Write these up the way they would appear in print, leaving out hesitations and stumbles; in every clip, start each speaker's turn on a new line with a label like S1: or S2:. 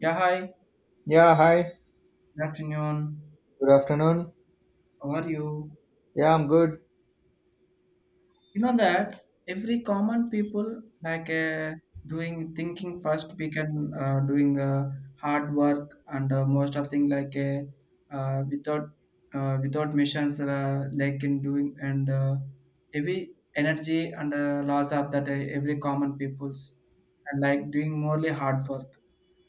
S1: Yeah, hi.
S2: Yeah, hi.
S1: Good afternoon.
S2: Good afternoon.
S1: How are you?
S2: Yeah, I'm good.
S1: You know that every common people like doing thinking first we can doing hard work and most of thing like without without missions like in doing and every energy and loss of that every common peoples and like doing morely hard work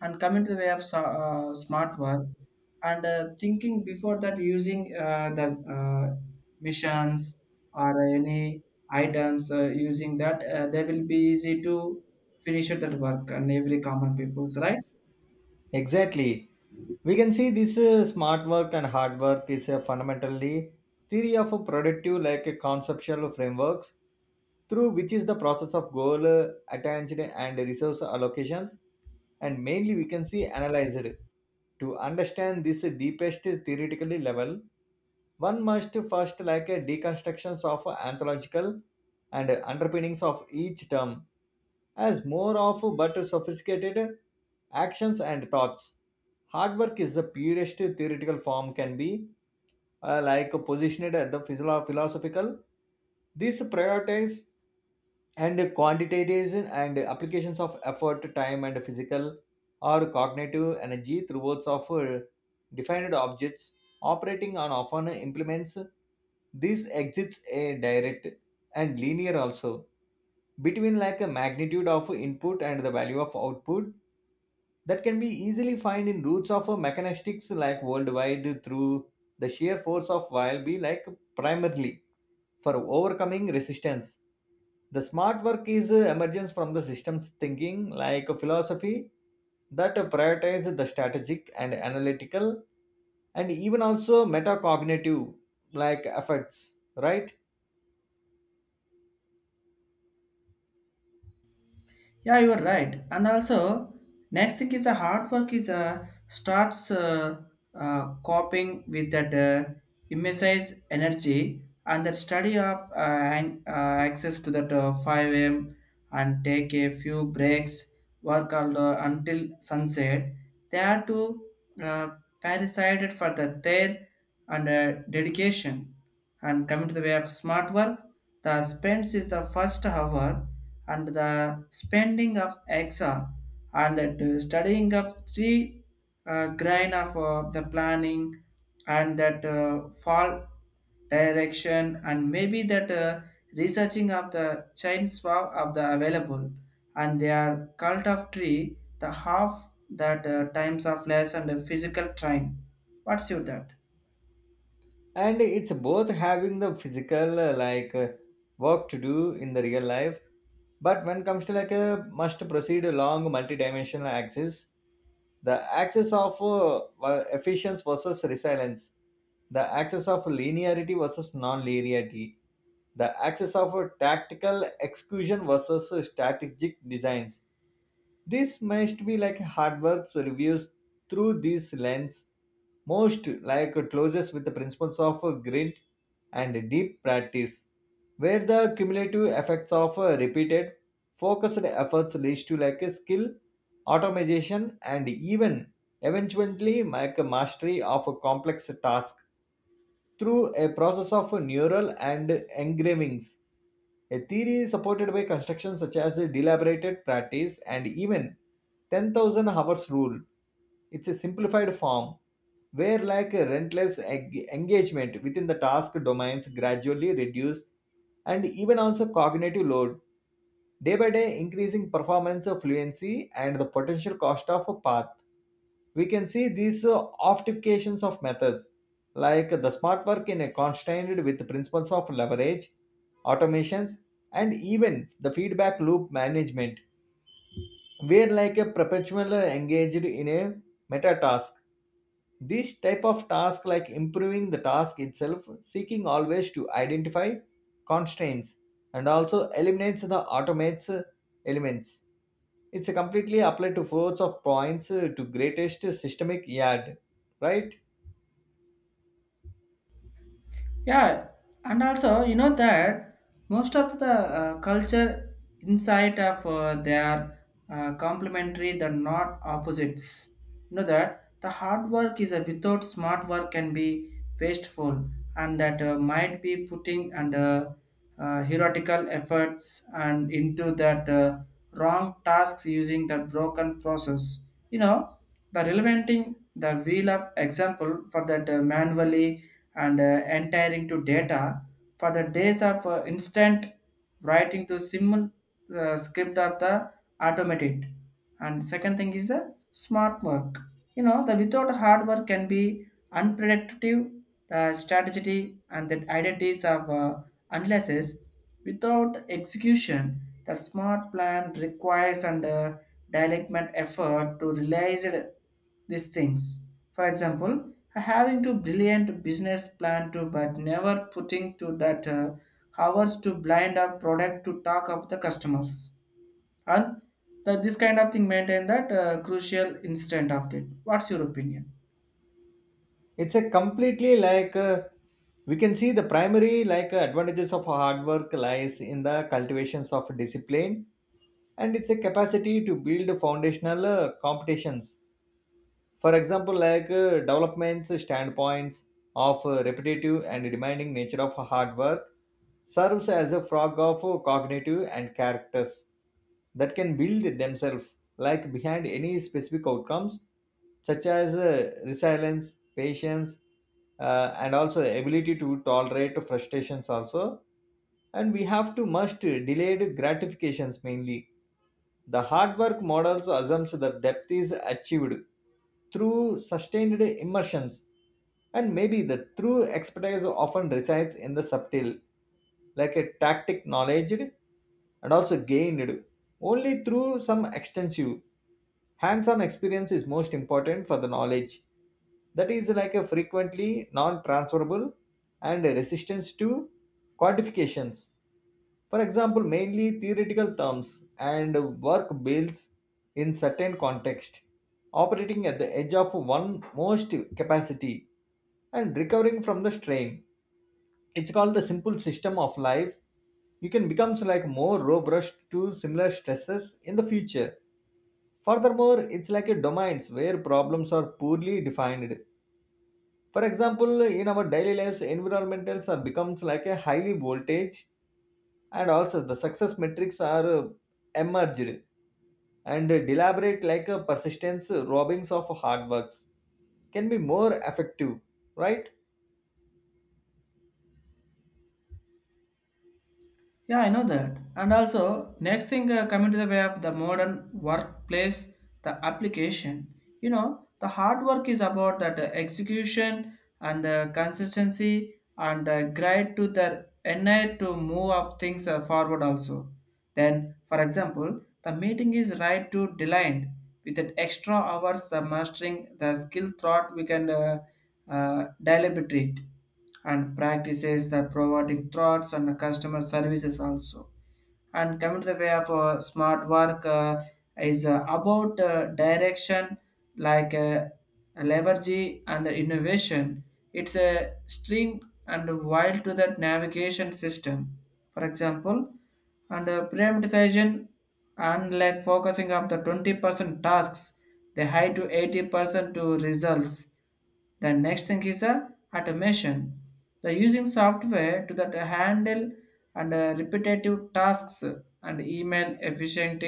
S1: and coming to the way of smart work and thinking before that using the uh, missions or any items using that they will be easy to finish that work and every common people's right.
S2: Exactly. We can see this smart work and hard work is a fundamentally theory of a productive like a conceptual frameworks through which is the process of goal attention and resource allocations. And mainly we can see analyzed to understand this deepest theoretical level. One must first like a deconstructions of anthological and underpinnings of each term as more of but sophisticated actions and thoughts. Hard work is the purest theoretical form can be like positioned at the physio- philosophical. This prioritizes and quantitization and applications of effort time and physical or cognitive energy towards of defined objects operating on often implements. This exists a direct and linear also between like a magnitude of input and the value of output that can be easily find in roots of a mechanistics like worldwide through the sheer force of while be like primarily for overcoming resistance. The smart work is emergence from the systems thinking, like a philosophy that prioritizes the strategic and analytical and even also metacognitive like effects, right?
S1: Yeah, you are right. And also, next thing is the hard work is the starts coping with that emphasize energy and the study of ang- uh, access to that 5 a.m. and take a few breaks, work all, until sunset. They are to uh, parasited for the their and dedication and coming to the way of smart work. The spends is the first hour and the spending of exa and the studying of three grain of the planning and that fall direction and maybe that researching of the chain swap of the available and their cult of tree the half that times of less and the physical train, what's your that?
S2: And it's both having the physical work to do in the real life, but when comes to like a must proceed along multi-dimensional axis, the axis of well, efficiency versus resilience, the axis of linearity versus non-linearity, the axis of tactical execution versus strategic designs. This must be like hard works reviews through this lens, most like closes with the principles of grit and deep practice, where the cumulative effects of repeated, focused efforts leads to like a skill, automation, and even eventually like a mastery of a complex task through a process of neural and engravings. A theory is supported by constructions such as deliberated practice and even 10,000 hours rule. It's a simplified form where like a relentless engagement within the task domains gradually reduce and even also cognitive load day by day increasing performance fluency and the potential cost of a path. We can see these optimizations of methods like the smart work in a constrained with principles of leverage automations and even the feedback loop management. We're like a perpetual engaged in a meta task, this type of task like improving the task itself seeking always to identify constraints and also eliminates the automates elements. It's a completely applied to flows of points to greatest systemic yard, right?
S1: Yeah, and also you know that most of the culture inside of their complementary, they're not opposites. You know that the hard work is a without smart work can be wasteful, and that might be putting and heretical efforts and into that wrong tasks using that broken process. You know, the relevanting the wheel of example for that manually and entering to data for the days of instant writing to simple script of the automated. And second thing is a smart work, you know, the without hard work can be unpredictable, the strategy and the identities of unless is without execution. The smart plan requires and development effort to realize it- these things. For example, having to brilliant business plan to but never putting to that hours to blind up product to talk up the customers, and the, this kind of thing maintain that crucial instant of it. What's your opinion?
S2: It's a completely we can see the primary advantages of hard work lies in the cultivations of discipline and it's a capacity to build foundational competitions. For example, developments, standpoints of repetitive and demanding nature of hard work serves as a frog of cognitive and characters that can build themselves like behind any specific outcomes, such as resilience patience, and also ability to tolerate frustrations also, and we have to must delayed gratifications. Mainly the hard work model assumes that depth is achieved through sustained immersions, and maybe the true expertise often resides in the subtle, like a tactic knowledge and also gained only through some extensive hands-on experience is most important for the knowledge that is like a frequently non-transferable and a resistance to quantifications. For example, mainly theoretical terms and work bills in certain context, operating at the edge of one most capacity and recovering from the strain. It's called the simple system of life. You can become like more robust to similar stresses in the future. Furthermore, it's like a domains where problems are poorly defined. For example, in our daily lives, environmentals are becomes like a highly voltage and also the success metrics are emerged and deliberate like a persistence robbings of hard works can be more effective, right?
S1: Yeah, I know that. And also, next thing coming to the way of the modern workplace, the application. You know, the hard work is about that execution and consistency and guide to the NI to move of things forward also. Then, for example, the meeting is right to delined with that extra hours the mastering the skill thought we can deliberate and practices the providing thoughts and customer services also. And coming to the way of smart work is about direction, like leverage and the innovation. It's a string and wild to that navigation system, for example, and prioritization and like focusing of the 20% tasks, they high to 80% to results. The next thing is a automation. The using software to that handle and repetitive tasks and email efficient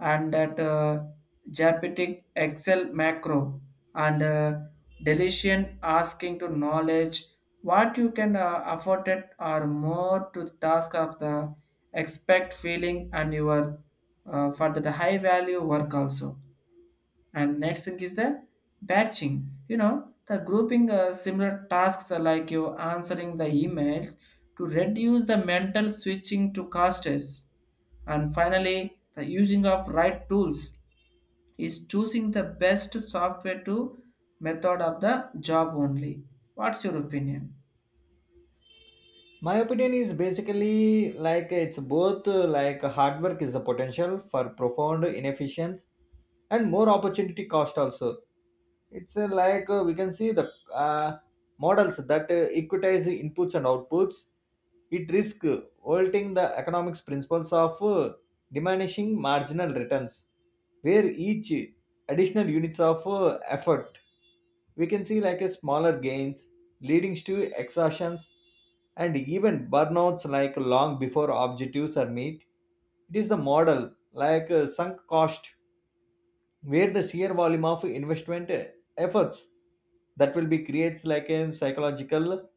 S1: and that Japetic Excel macro and deletion asking to knowledge what you can afford it or more to the task of the expect feeling and your for the high value work also. And next thing is the batching. You know, the grouping similar tasks are like you answering the emails to reduce the mental switching to castes. And finally, the using of right tools is choosing the best software to method of the job only. What's your opinion?
S2: My opinion is basically like it's both like hard work is the potential for profound inefficiency and more opportunity cost also. It's we can see the models that equitize inputs and outputs. It risk halting the economics principles of diminishing marginal returns where each additional units of effort we can see like a smaller gains leading to exhaustions and even burnouts like long before objectives are met. It is the model like sunk cost where the sheer volume of investment efforts that will be creates like a psychological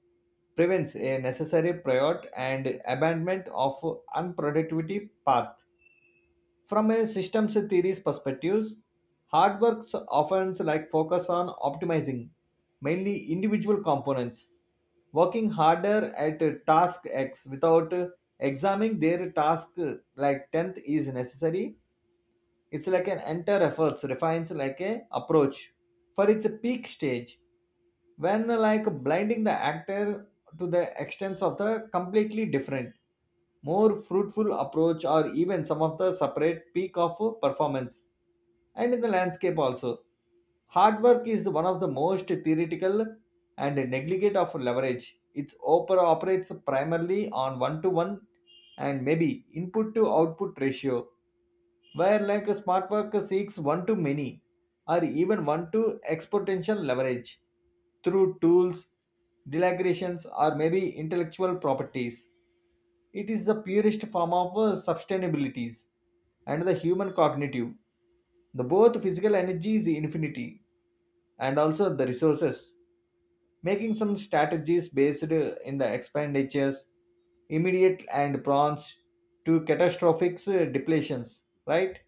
S2: prevents a necessary prior and abandonment of unproductivity path. From a systems theories perspectives, hard works often like focus on optimizing mainly individual components, working harder at task X without examining their task like 10th is necessary. It's like an entire efforts refines like a approach for its peak stage when like blinding the actor to the extents of the completely different more fruitful approach or even some of the separate peak of performance and in the landscape also. Hard work is one of the most theoretical and negligent of leverage. Its operates primarily on one to one and maybe input to output ratio, where like a smart work seeks one to many or even one to exponential leverage through tools delegations or maybe intellectual properties. It is the purest form of sustainabilities and the human cognitive. The both physical energy is infinity and also the resources. Making some strategies based in the expenditures, immediate and prawns to catastrophic depletions, right?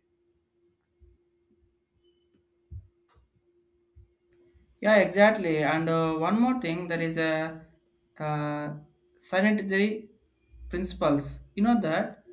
S1: Yeah, exactly. And one more thing, there is a uh, sanitary principles. You know that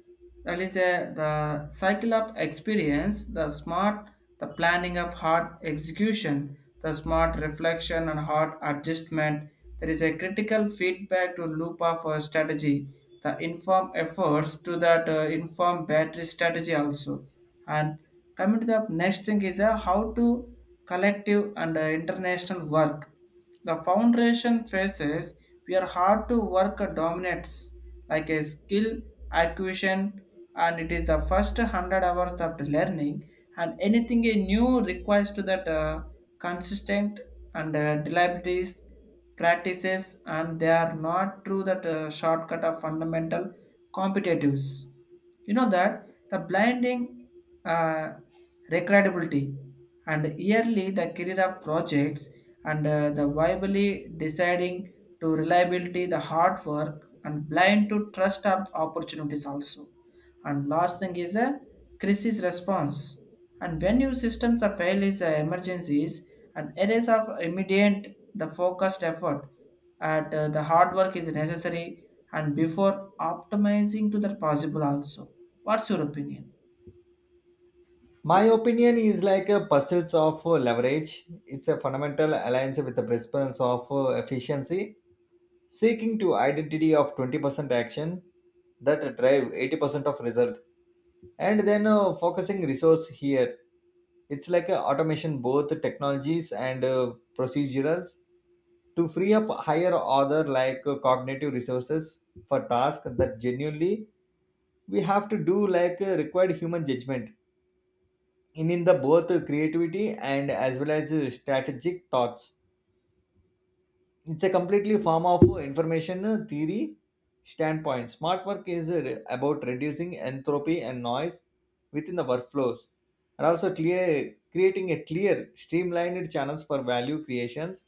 S1: that is a the cycle of experience, the smart, the planning of hard execution, the smart reflection and hard adjustment. There is a critical feedback to loop of a strategy, the inform efforts to that inform battery strategy also. And coming to the next thing is how to collective and international work. The foundation faces where hard to work dominates like a skill acquisition, and it is the first 100 hours of the learning and anything a new requires to that consistent and reliabilities practices, and they are not through that shortcut of fundamental competitives. You know that the blinding uh, recreatability and yearly the career of projects and the viably deciding to reliability the hard work and blind to trust of opportunities also. And last thing is a crisis response, and when your systems are fail is emergencies and areas of immediate the focused effort at the hard work is necessary and before optimizing to the possible also. What's your opinion?
S2: My opinion is like a pursuit of leverage. It's a fundamental alliance with the principles of efficiency seeking to identity of 20% action that drive 80% of result and then focusing resource here. It's like a automation both technologies and procedurals to free up higher order cognitive resources for tasks that genuinely we have to do required human judgment in the both creativity and as well as strategic thoughts. It's a completely form of information theory standpoint. Smart work is about reducing entropy and noise within the workflows and also clear creating a clear streamlined channels for value creations.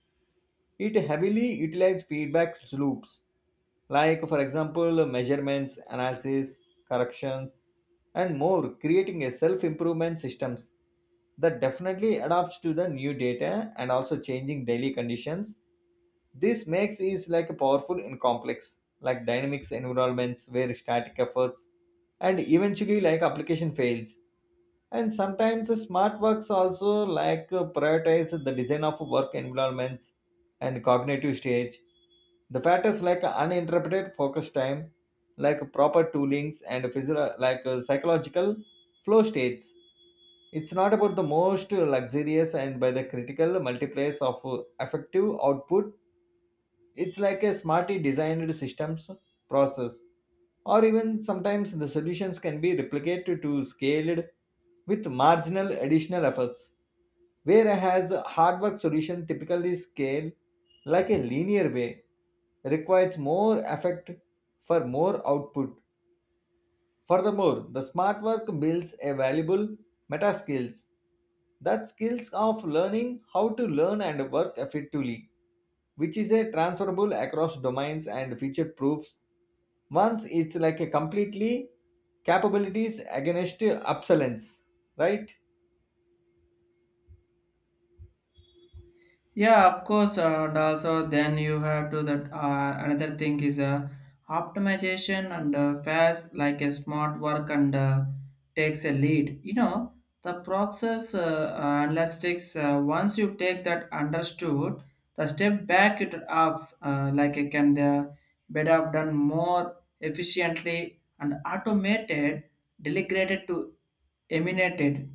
S2: It heavily utilizes feedback loops, like for example measurements analysis corrections, and more creating a self improvement systems that definitely adapts to the new data and also changing daily conditions. This makes is like a powerful in complex, like dynamics environments where static efforts and eventually like application fails. And sometimes the smart works also like prioritize the design of work environments and cognitive stage. The factors like uninterrupted focus time, like proper toolings and psychological flow states. It's not about the most luxurious and by the critical multipliers of effective output. It's like a smartly designed systems, process, or even sometimes the solutions can be replicated to scaled with marginal additional efforts. Whereas a hard work solution typically scale like a linear way, requires more effort for more output. Furthermore, the smart work builds a valuable meta skills, that skills of learning how to learn and work effectively, which is a transferable across domains and future proofs. Once it's like a completely capabilities against obsolescence, right?
S1: Yeah, of course, and also then you have to that another thing is optimization and fast like a smart work and takes a lead. You know the process analytics. Once you take that understood, the step back it asks like can the better have done more efficiently and automated, delegated to eliminated.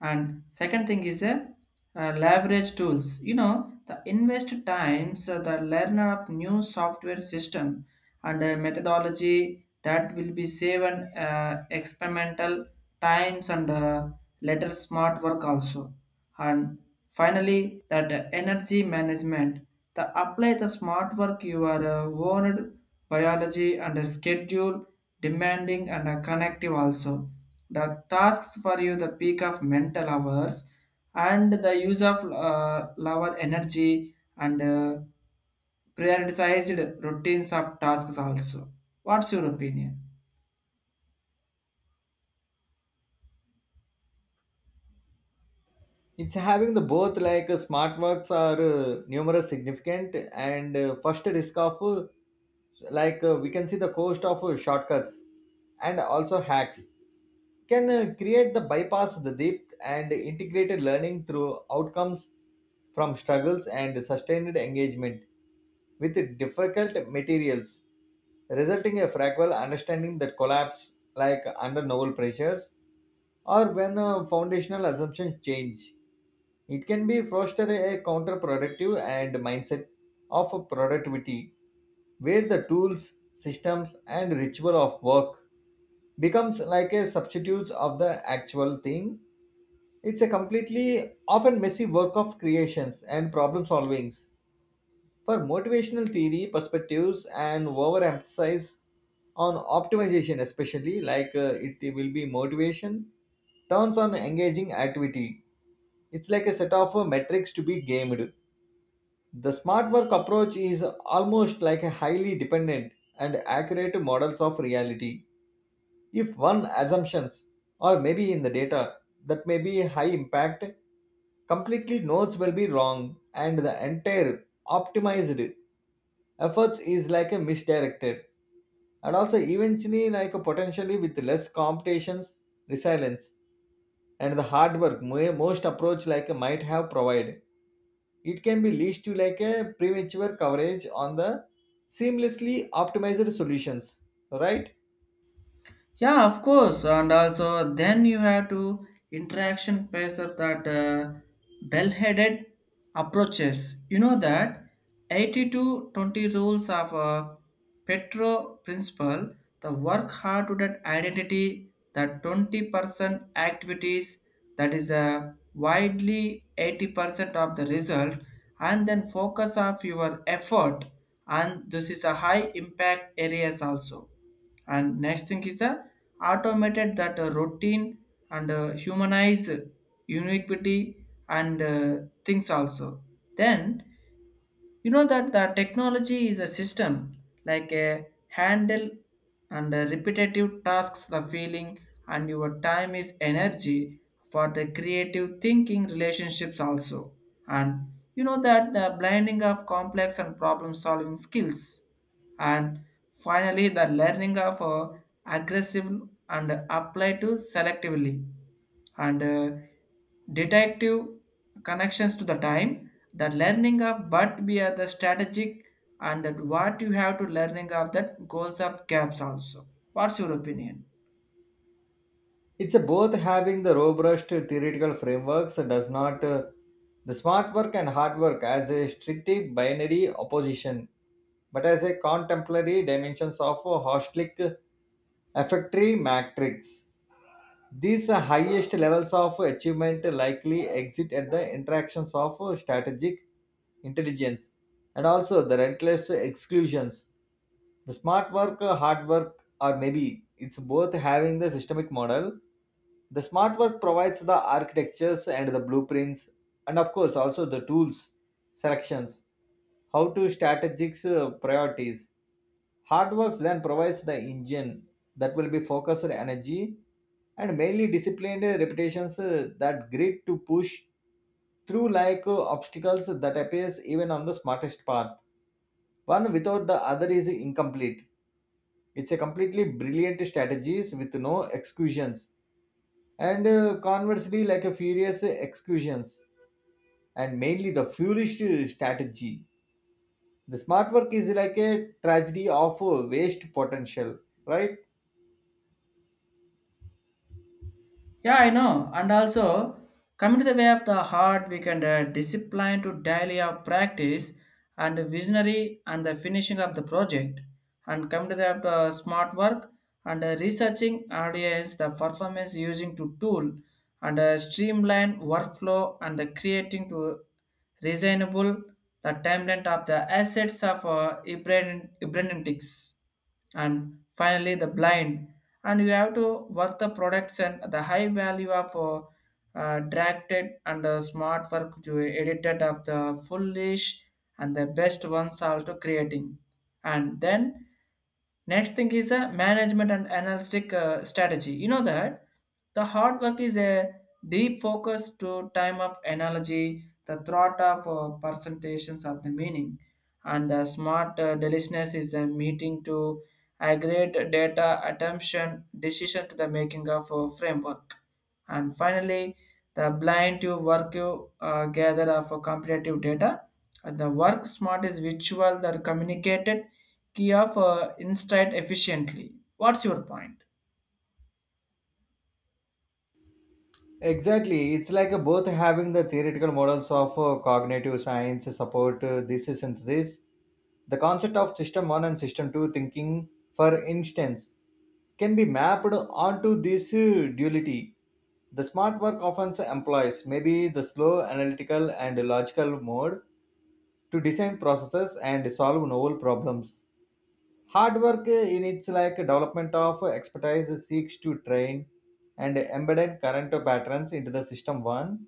S1: And second thing is a leverage tools. You know, the invest times the learner of new software system and methodology that will be saved experimental times and later smart work also. And finally, that energy management. The apply the smart work you are owned biology and a schedule demanding and a connective also. The tasks for you the peak of mental hours and the use of lower energy and prioritized routines of tasks also. What's your opinion?
S2: It's having the both smart works are numerous significant and first risk of we can see the cost of shortcuts and also hacks can create the bypass the depth and integrated learning through outcomes from struggles and sustained engagement with difficult materials resulting a fractal understanding that collapse like under novel pressures or when foundational assumptions change. It can be foster a counterproductive and mindset of productivity where the tools, systems and ritual of work becomes like a substitute of the actual thing. It's a completely often messy work of creations and problem solvings. For motivational theory perspectives and overemphasize on optimization, especially it will be motivation turns on engaging activity. It's like a set of metrics to be gamed. The smart work approach is almost like a highly dependent and accurate models of reality. If one assumptions or maybe in the data that may be high impact, completely notes will be wrong and the entire optimized efforts is like a misdirected and also eventually like a potentially with less competitions resilience, and the hard work most approach like a might have provided it can be leads to like a premature coverage on the seamlessly optimized solutions, right?
S1: Yeah, of course. And also, then you have to interaction pace of that bell-headed approaches. You know that eighty-two twenty rules of Petro principle, the work hard to that identity, that 20% activities that is a widely 80% of the result, and then focus of your effort and this is a high impact areas also. And next thing is a automated that routine and humanize uniquity and things also. Then you know that the technology is a system like a handle and repetitive tasks the feeling and your time is energy for the creative thinking relationships also. And you know that the blending of complex and problem solving skills, and finally the learning of aggressive and apply to selectively and detective connections to the time the learning of but be at the strategic and that what you have to learning of that goals of gaps also. What's your opinion?
S2: It's a both having the robust theoretical frameworks does not the smart work and hard work as a strictly binary opposition but as a contemporary dimensions of a holistic effectory matrix. These highest levels of achievement likely exist at the interactions of strategic intelligence and also the relentless exclusions. The smart work, hard work, or maybe it's both having the systemic model. The smart work provides the architectures and the blueprints, and of course, also the tools, selections, how to strategics priorities. Hard works then provides the engine that will be focused energy and mainly disciplined repetitions, that grit to push through like obstacles that appears even on the smartest path. One without the other is incomplete. It's a completely brilliant strategies with no excuses, and conversely like a furious excuses and mainly the foolish strategy. The smart work is like a tragedy of waste potential, right?
S1: Yeah, I know. And also, coming to the way of the heart, we can discipline to daily of practice and visionary and the finishing of the project. And come to the of the smart work and researching audience, the performance using to tool and streamline workflow and the creating to reasonable the timeline of the assets of Ibranitics. And finally the blind, and you have to work the products and the high value of directed and smart work you edited of the foolish and the best ones also creating. And then next thing is the management and analytic strategy, you know that the hard work is a deep focus to time of analogy the thought of presentations of the meaning, and the smart deliciousness is the meeting to I data attention decision to the making of a framework. And finally, the blind to work you gather of a comparative data. And the work smart is visual that communicated key of insight efficiently. What's your point?
S2: Exactly. It's like both having the theoretical models of cognitive science support this synthesis. The concept of system 1 and system 2 thinking, for instance, can be mapped onto this duality. The smart work often employs maybe the slow analytical and logical mode to design processes and solve novel problems. Hard work, in its like development of expertise, seeks to train and embed current patterns into the system one.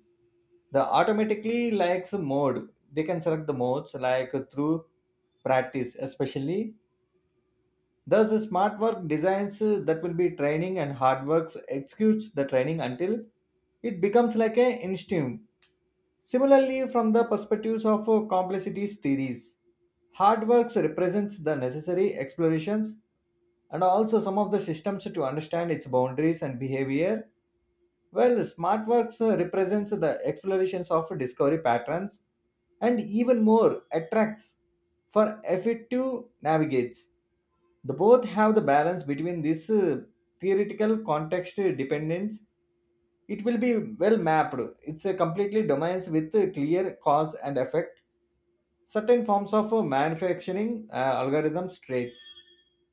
S2: The automatically likes mode. They can select the modes like through practice, especially. Thus, the smart work designs, that will be training, and hard works executes the training until it becomes like a instinct. Similarly, from the perspectives of complexities theories, hard works represents the necessary explorations and also some of the systems to understand its boundaries and behavior, while smart works represents the explorations of discovery patterns and even more attracts for effective navigates. The both have the balance between this theoretical context dependence. It will be well mapped. It's a completely domains with a clear cause and effect. Certain forms of manufacturing, algorithm traits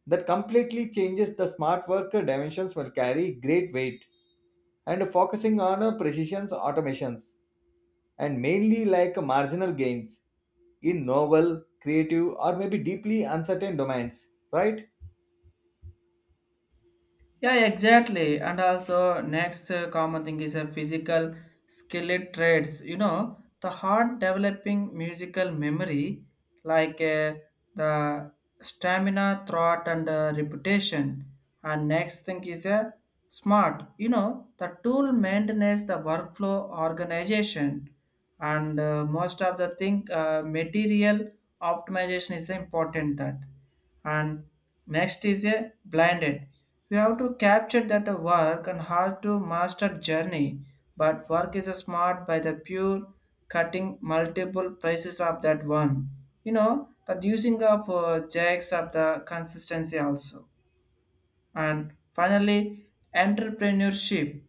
S2: that completely changes the smart worker dimensions will carry great weight and focusing on precision automations and mainly like marginal gains in novel, creative, or maybe deeply uncertain domains, right?
S1: Yeah, exactly. And also, next common thing is a physical skillet traits. You know, the heart developing musical memory, like the stamina, thought, and reputation. And next thing is a smart. You know, the tool maintenance, the workflow organization, and most of the thing material optimization is important that. And next is a blinded, we have to capture that work and hard to master journey. But work is smart by the pure cutting multiple prices of that one. You know that using of jacks of the consistency also. And finally entrepreneurship,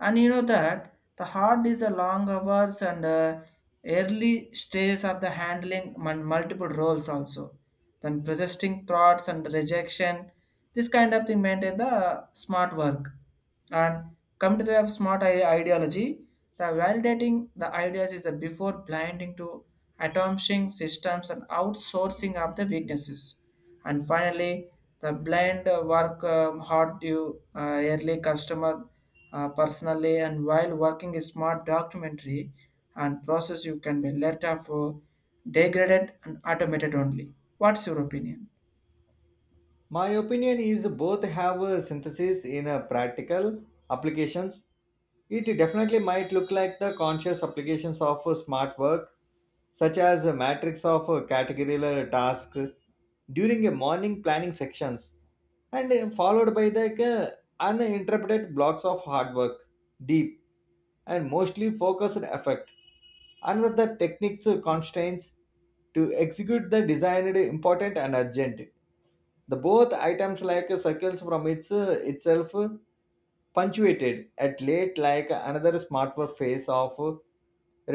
S1: and you know that the hard is a long hours and early stage of the handling multiple roles also. Then persisting thoughts and rejection, this kind of thing maintain the smart work. And come to the smart ideology, the validating the ideas is a before blinding to atomizing systems and outsourcing of the weaknesses. And finally, the blind work hard due early customer personally and while working a smart documentary and process you can be later for degraded and automated only. What's your opinion?
S2: My opinion is both have a synthesis in a practical applications. It definitely might look like the conscious applications of a smart work, such as a matrix of a categorical task during a morning planning sections, and followed by the uninterpreted blocks of hard work, deep and mostly focused effect, and with the techniques constraints to execute the designed important and urgent. The both items like circles from its itself, punctuated at late like another smartword phase of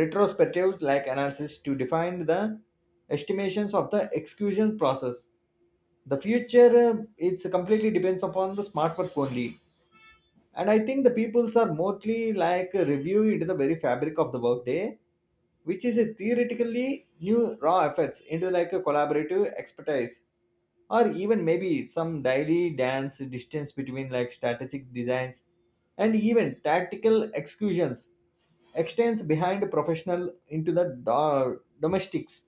S2: retrospective like analysis to define the estimations of the execution process. The future, it's completely depends upon the smartword only, and I think the peoples are mostly like review into the very fabric of the workday, which is a theoretically new raw efforts into like a collaborative expertise or even maybe some daily dance distance between like strategic designs and even tactical executions, extends behind professional into the domestics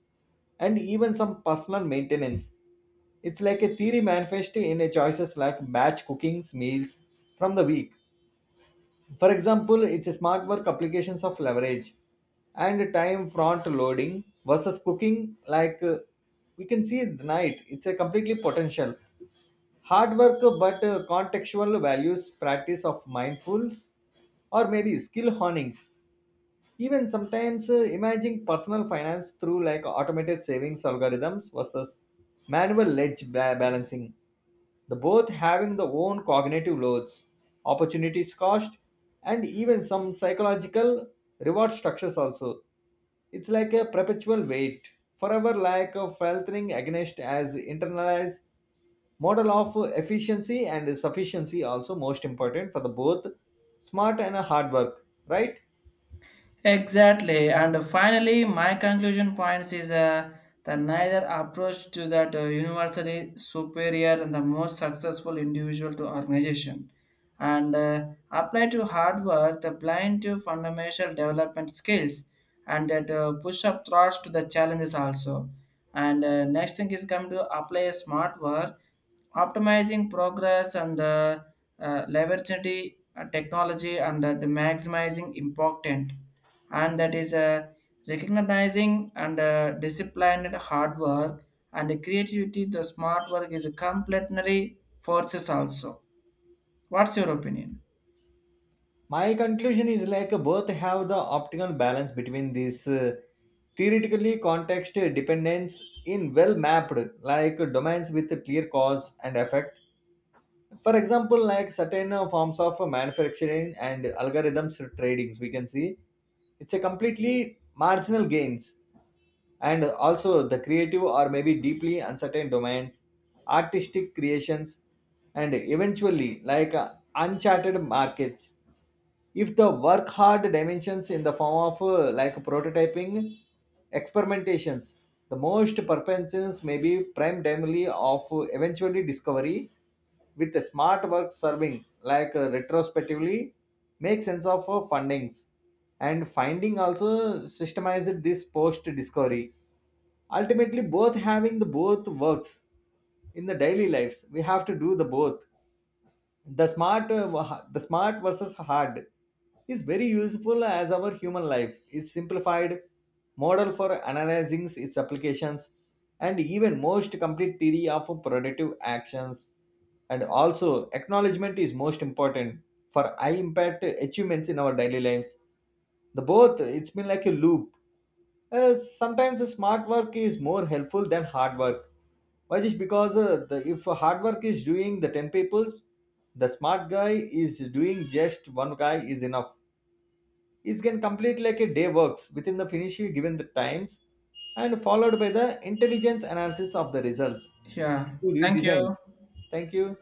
S2: and even some personal maintenance. It's like a theory manifest in a choices like batch cookings meals from the week. For example, it's a smart work applications of leverage and time front loading versus cooking like, we can see the night. It's a completely potential hard work, but contextual values practice of mindfulness or maybe skill honings. Even sometimes imaging personal finance through like automated savings algorithms versus manual balancing, the both having their own cognitive loads, opportunities cost, and even some psychological reward structures also. It's like a perpetual weight, forever like a filtering against as internalized model of efficiency and sufficiency, also most important for the both smart and hard work, right?
S1: Exactly, and finally, my conclusion points is that neither approach to that universally superior and the most successful individual to organization, and apply to hard work the blind to fundamental development skills, and that push up thoughts to the challenges also. And next thing is come to apply a smart work, optimizing progress and leveraging the, technology and the maximizing important and that is recognizing and disciplined hard work and the creativity the smart work is a complementary forces also. What's your opinion?
S2: My conclusion is like both have the optimal balance between this, theoretically context dependence in well mapped like domains with a clear cause and effect. For example, like certain forms of manufacturing and algorithms tradings, we can see it's a completely marginal gains. And also the creative or maybe deeply uncertain domains, artistic creations, and eventually like, uncharted markets, if the work hard dimensions in the form of, like prototyping experimentations, the most purposes may be prime dimly of eventually discovery, with the smart work serving like retrospectively make sense of fundings and finding also systemized this post discovery. Ultimately, both having the both works. In the daily lives, we have to do the both. The smart uh, the smart versus hard is very useful as our human life is simplified model for analyzing its applications and even most complete theory of productive actions. And also acknowledgement is most important for high impact achievements in our daily lives. The both it's been like a loop. Sometimes the smart work is more helpful than hard work. Why? Just because, if hard work is doing the 10 peoples, the smart guy is doing just one guy is enough. He can complete like a day works within the finish given the times, and followed by the intelligence analysis of the results
S1: Yeah,
S2: to
S1: thank you.
S2: redesign. Thank you.